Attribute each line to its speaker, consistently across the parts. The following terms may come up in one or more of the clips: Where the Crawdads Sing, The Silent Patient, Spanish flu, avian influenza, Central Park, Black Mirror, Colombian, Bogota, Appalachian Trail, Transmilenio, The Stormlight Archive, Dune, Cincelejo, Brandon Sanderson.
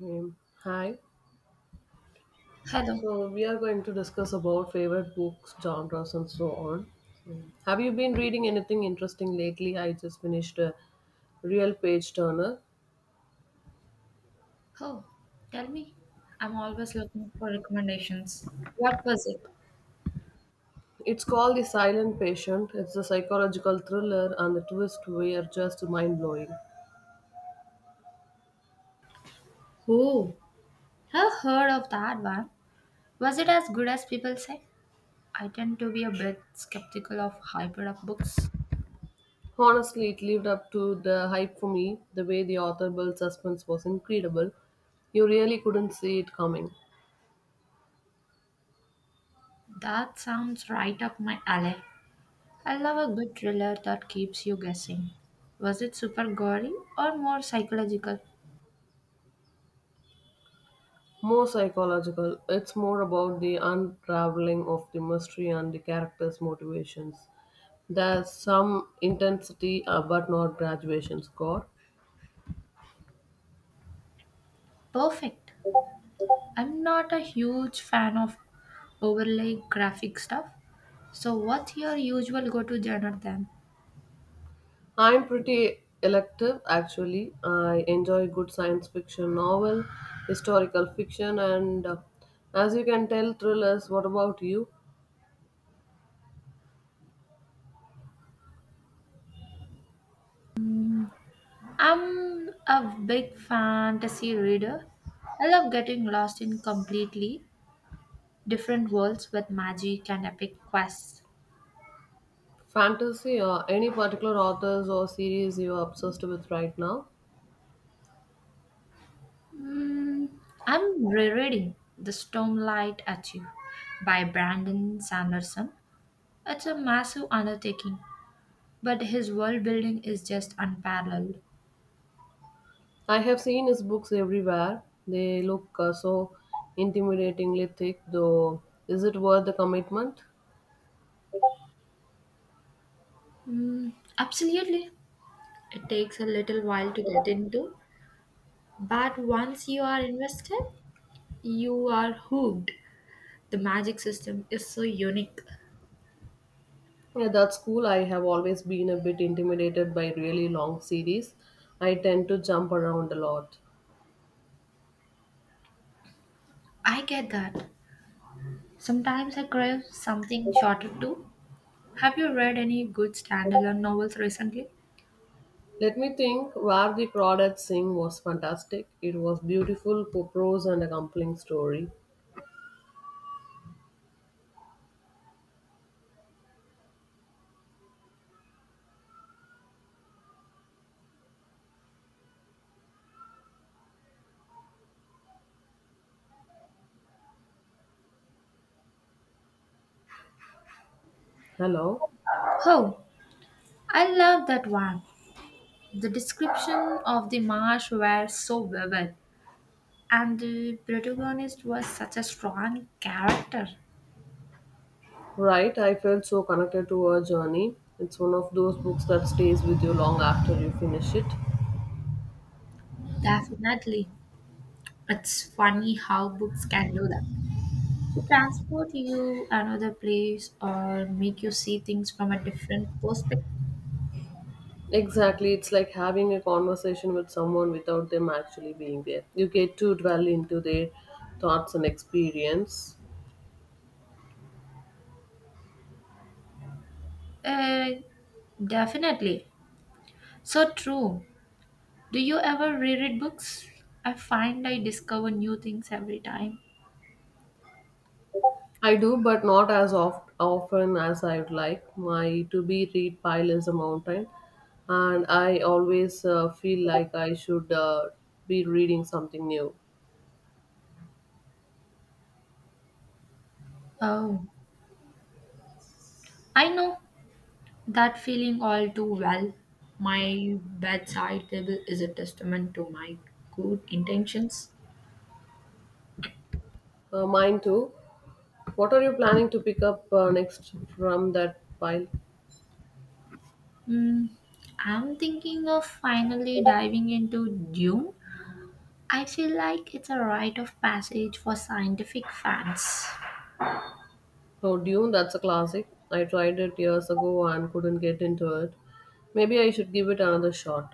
Speaker 1: Hi.
Speaker 2: Hello.
Speaker 1: So we are going to discuss about favorite books, genres, and so on. Have you been reading anything interesting lately? I just finished a real page turner.
Speaker 2: Oh, tell me. I'm always looking for recommendations. What was it?
Speaker 1: It's called The Silent Patient. It's a psychological thriller, and the twists were just mind blowing.
Speaker 2: Oh, I've heard of that one. Was it as good as people say? I tend to be a bit skeptical of hybrid up books.
Speaker 1: Honestly, it lived up to the hype for me. The way the author built suspense was incredible. You really couldn't see it coming.
Speaker 2: That sounds right up my alley. I love a good thriller that keeps you guessing. Was it super gory or more psychological?
Speaker 1: More psychological, it's more about the unraveling of the mystery and the character's motivations. There's some intensity, but not graduation score.
Speaker 2: Perfect. I'm not a huge fan of overly graphic stuff. So, what's your usual go to genre then?
Speaker 1: I'm pretty elective actually. I enjoy good science fiction novel, historical fiction, and as you can tell, thrillers. What about you?
Speaker 2: I'm a big fantasy reader. I love getting lost in completely different worlds with magic and epic quests.
Speaker 1: Fantasy or any particular authors or series you are obsessed with right now?
Speaker 2: Mm, I'm rereading The Stormlight at You by Brandon Sanderson. It's a massive undertaking, but his world building is just unparalleled.
Speaker 1: I have seen his books everywhere. They look so intimidatingly thick, though. Is it worth the commitment?
Speaker 2: Mm, absolutely. It takes a little while to get into, but once you are invested, you are hooked. The magic system is so unique.
Speaker 1: Yeah, that's cool. I have always been a bit intimidated by really long series. I tend to jump around a lot.
Speaker 2: I get that. Sometimes I crave something shorter too. Have you read any good standalone novels recently?
Speaker 1: Let me think. Where the Crawdads Sing was fantastic. It was beautiful prose and a compelling story. Hello.
Speaker 2: Oh, I love that one. The description of the marsh were so vivid, and the protagonist was such a strong character.
Speaker 1: Right, I felt so connected to her journey. It's one of those books that stays with you long after you finish it.
Speaker 2: Definitely. It's funny how books can do that. They transport you another place or make you see things from a different perspective.
Speaker 1: Exactly, it's like having a conversation with someone without them actually being there. You get to dwell into their thoughts and experience.
Speaker 2: Uh, definitely. So true. Do you ever reread books? I find I discover new things every time.
Speaker 1: I do, but not as often as I would like. My to be read pile is a mountain, and I always feel like I should be reading something new.
Speaker 2: Oh, I know that feeling all too well. My bedside table is a testament to my good intentions.
Speaker 1: Mine too. What are you planning to pick up next from that pile?
Speaker 2: Hmm. I'm thinking of finally diving into Dune. I feel like it's a rite of passage for scientific fans.
Speaker 1: Oh, Dune, that's a classic. I tried it years ago and couldn't get into it. Maybe I should give it another shot.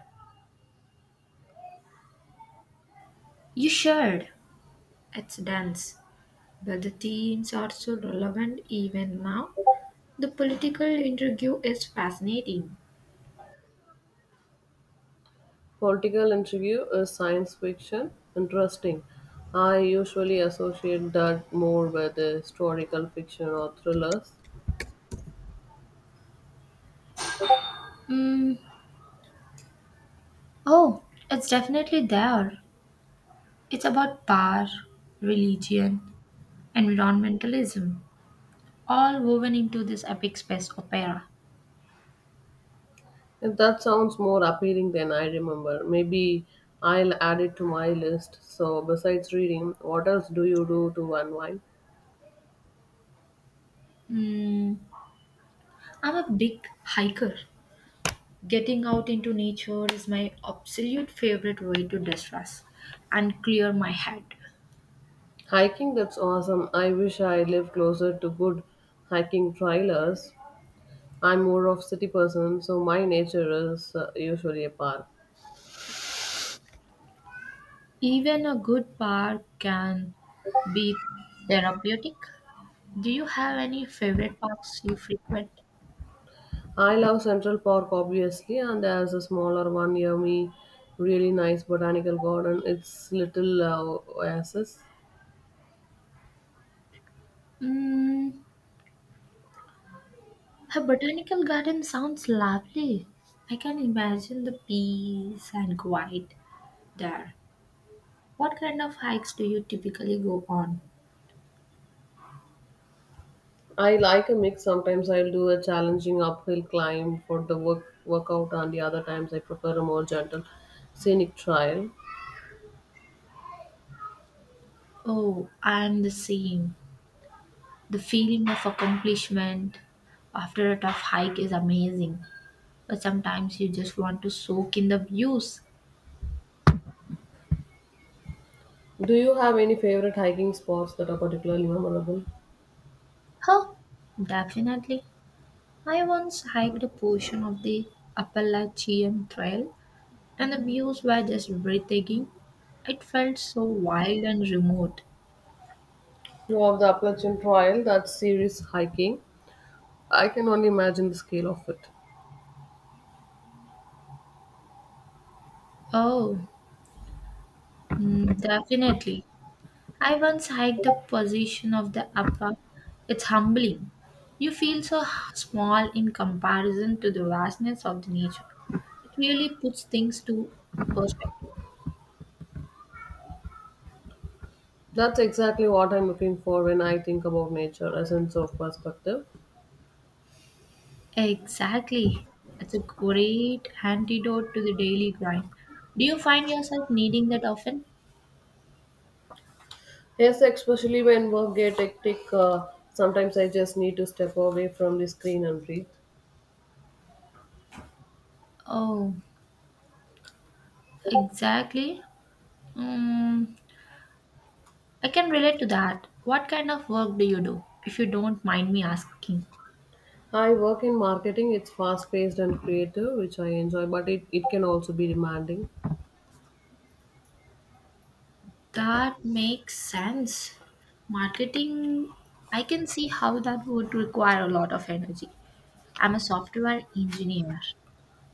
Speaker 2: You should. It's dense, but the themes are so relevant even now. The political interview is fascinating.
Speaker 1: Political interview is science fiction. Interesting. I usually associate that more with historical fiction or thrillers.
Speaker 2: Mm, oh, it's definitely there. It's about power, religion, environmentalism, all woven into this epic space opera.
Speaker 1: If that sounds more appealing than I remember, maybe I'll add it to my list. So, besides reading, what else do you do to unwind?
Speaker 2: Mm, I'm a big hiker. Getting out into nature is my absolute favorite way to distress and clear my head.
Speaker 1: Hiking, that's awesome. I wish I lived closer to good hiking trailers. I'm more of city person, so my nature is usually a park.
Speaker 2: Even a good park can be therapeutic. Do you have any favorite parks you frequent?
Speaker 1: I love Central Park obviously, and there's a smaller one near me, really nice botanical garden. It's little oasis.
Speaker 2: Mm, a botanical garden sounds lovely. I can imagine the peace and quiet there. What kind of hikes do you typically go on?
Speaker 1: I like a mix. Sometimes I'll do a challenging uphill climb for the workout, and the other times I prefer a more gentle scenic trail.
Speaker 2: Oh, I'm the same. The feeling of accomplishment after a tough hike is amazing, but sometimes you just want to soak in the views.
Speaker 1: Do you have any favorite hiking spots that are particularly memorable?
Speaker 2: Huh, definitely. I once hiked a portion of the Appalachian Trail, and the views were just breathtaking. It felt so wild and remote.
Speaker 1: Of the Appalachian Trail, that serious hiking, I can only imagine the scale of it.
Speaker 2: Oh, mm, definitely. I once hiked the position of the upper. It's humbling. You feel so small in comparison to the vastness of the nature. It really puts things to perspective.
Speaker 1: That's exactly what I'm looking for when I think about nature, a sense of perspective.
Speaker 2: Exactly. It's a great antidote to the daily grind. Do you find yourself needing that often?
Speaker 1: Yes, especially when work gets hectic, sometimes I just need to step away from the screen and breathe.
Speaker 2: Oh, exactly. Mm, I can relate to that. What kind of work do you do, if you don't mind me asking?
Speaker 1: I work in marketing, it's fast paced and creative, which I enjoy, but it can also be demanding.
Speaker 2: That makes sense. Marketing, I can see how that would require a lot of energy. I'm a software engineer.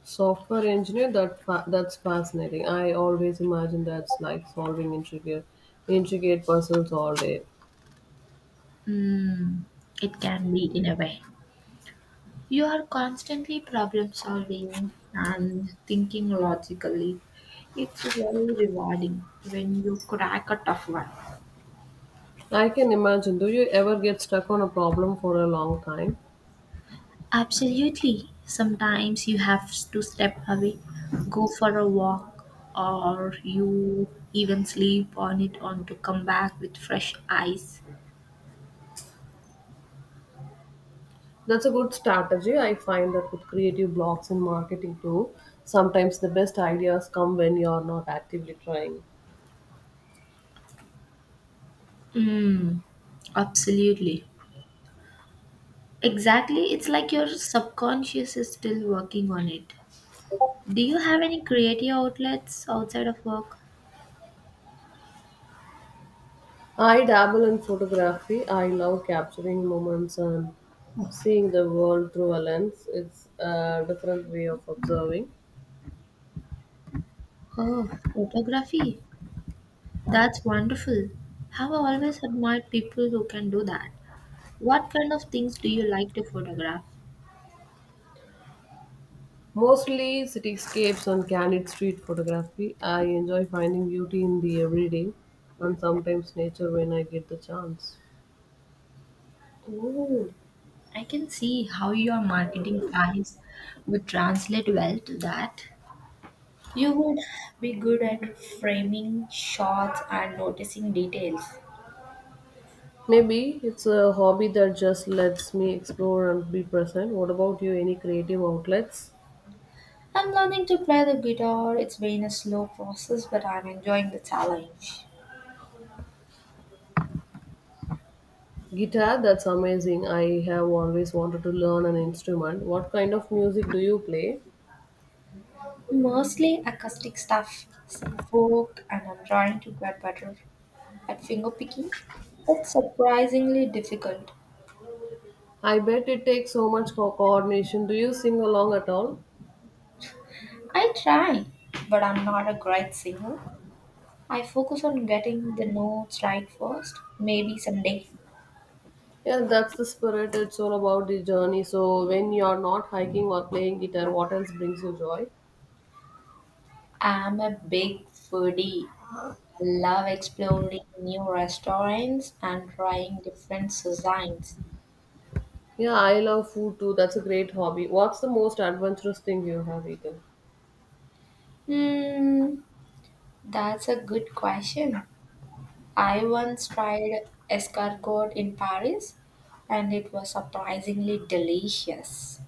Speaker 1: Software engineer, that's fascinating. I always imagine that's like solving intricate puzzles all day.
Speaker 2: Mm, it can be in a way. You are constantly problem solving and thinking logically. It's very rewarding when you crack a tough one.
Speaker 1: I can imagine. Do you ever get stuck on a problem for a long time?
Speaker 2: Absolutely. Sometimes you have to step away, go for a walk, or you even sleep on it on to come back with fresh eyes.
Speaker 1: That's a good strategy. I find that with creative blocks in marketing too, sometimes the best ideas come when you're not actively trying.
Speaker 2: Mm, absolutely. Exactly. It's like your subconscious is still working on it. Do you have any creative outlets outside of work?
Speaker 1: I dabble in photography. I love capturing moments and seeing the world through a lens. It's a different way of observing.
Speaker 2: Oh, photography. That's wonderful. Have I always admired people who can do that. What kind of things do you like to photograph?
Speaker 1: Mostly cityscapes and candid street photography. I enjoy finding beauty in the everyday and sometimes nature when I get the chance.
Speaker 2: Oh, I can see how your marketing eyes would translate well to that. You would be good at framing shots and noticing details.
Speaker 1: Maybe it's a hobby that just lets me explore and be present. What about you? Any creative outlets?
Speaker 2: I'm learning to play the guitar. It's been a slow process, but I'm enjoying the challenge.
Speaker 1: Guitar, that's amazing. I have always wanted to learn an instrument. What kind of music do you play?
Speaker 2: Mostly acoustic stuff, some folk, and I'm trying to get better at fingerpicking. It's surprisingly difficult.
Speaker 1: I bet it takes so much coordination. Do you sing along at all?
Speaker 2: I try, but I'm not a great singer. I focus on getting the notes right first. Maybe someday.
Speaker 1: Yeah, that's the spirit. It's all about the journey. So when you're not hiking or playing guitar, what else brings you joy?
Speaker 2: I'm a big foodie. I love exploring new restaurants and trying different cuisines.
Speaker 1: Yeah, I love food too. That's a great hobby. What's the most adventurous thing you have eaten?
Speaker 2: Hmm, that's a good question. I once tried escargot in Paris and it was surprisingly delicious.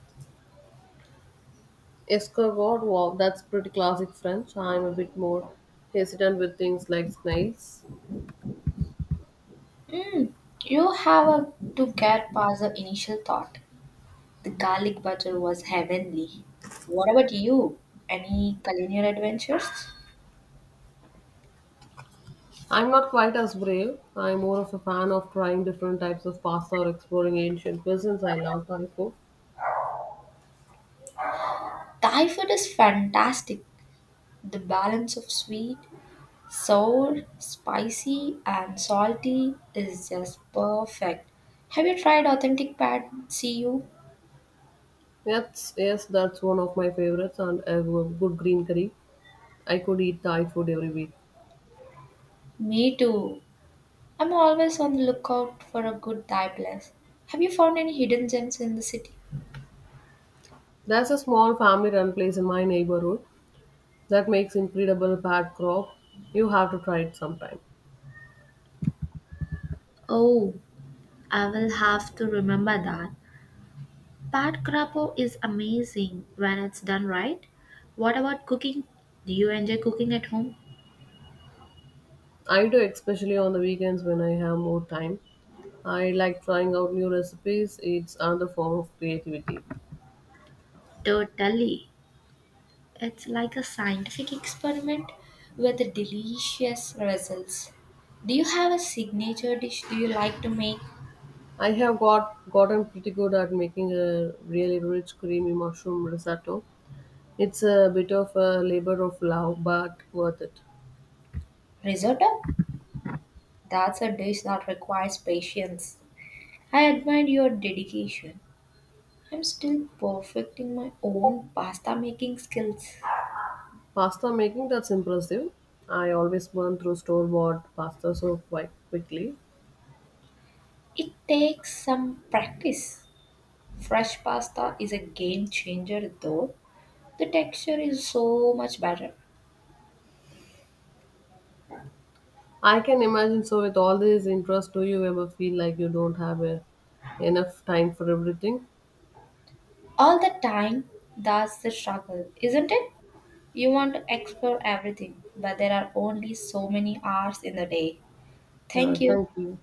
Speaker 1: Escargot, wow, that's pretty classic French. I'm a bit more hesitant with things like snails.
Speaker 2: Mm, you have a, to get past the initial thought. The garlic butter was heavenly. What about you? Any culinary adventures?
Speaker 1: I'm not quite as brave. I'm more of a fan of trying different types of pasta or exploring ancient cuisines. I love Thai food.
Speaker 2: Thai food is fantastic. The balance of sweet, sour, spicy, and salty is just perfect. Have you tried authentic pad see you?
Speaker 1: Yes, yes, that's one of my favorites, and a good green curry. I could eat Thai food every week.
Speaker 2: Me too. I'm always on the lookout for a good Thai place. Have you found any hidden gems in the city?
Speaker 1: There's a small family-run place in my neighborhood that makes incredible pad krop. You have to try it sometime.
Speaker 2: Oh, I will have to remember that. Bad crapo is amazing when it's done right. What about cooking? Do you enjoy cooking at home?
Speaker 1: I do, especially on the weekends when I have more time. I like trying out new recipes. It's another form of creativity.
Speaker 2: Totally. It's like a scientific experiment with delicious results. Do you have a signature dish do you like to make?
Speaker 1: I have gotten pretty good at making a really rich creamy mushroom risotto. It's a bit of a labor of love, but worth it.
Speaker 2: Risotto? That's a dish that requires patience. I admire your dedication. I'm still perfecting my own pasta making skills.
Speaker 1: Pasta making that's impressive. I always burn through store-bought pasta quite quickly.
Speaker 2: It takes some practice. Fresh pasta is a game changer though. The texture is so much better.
Speaker 1: I can imagine. So with all this interest, do you ever feel like you don't enough time for everything?
Speaker 2: All the time, that's the struggle, isn't it? You want to explore everything, but there are only so many hours in the day.
Speaker 1: Yeah,
Speaker 2: Thank you.
Speaker 1: thank you.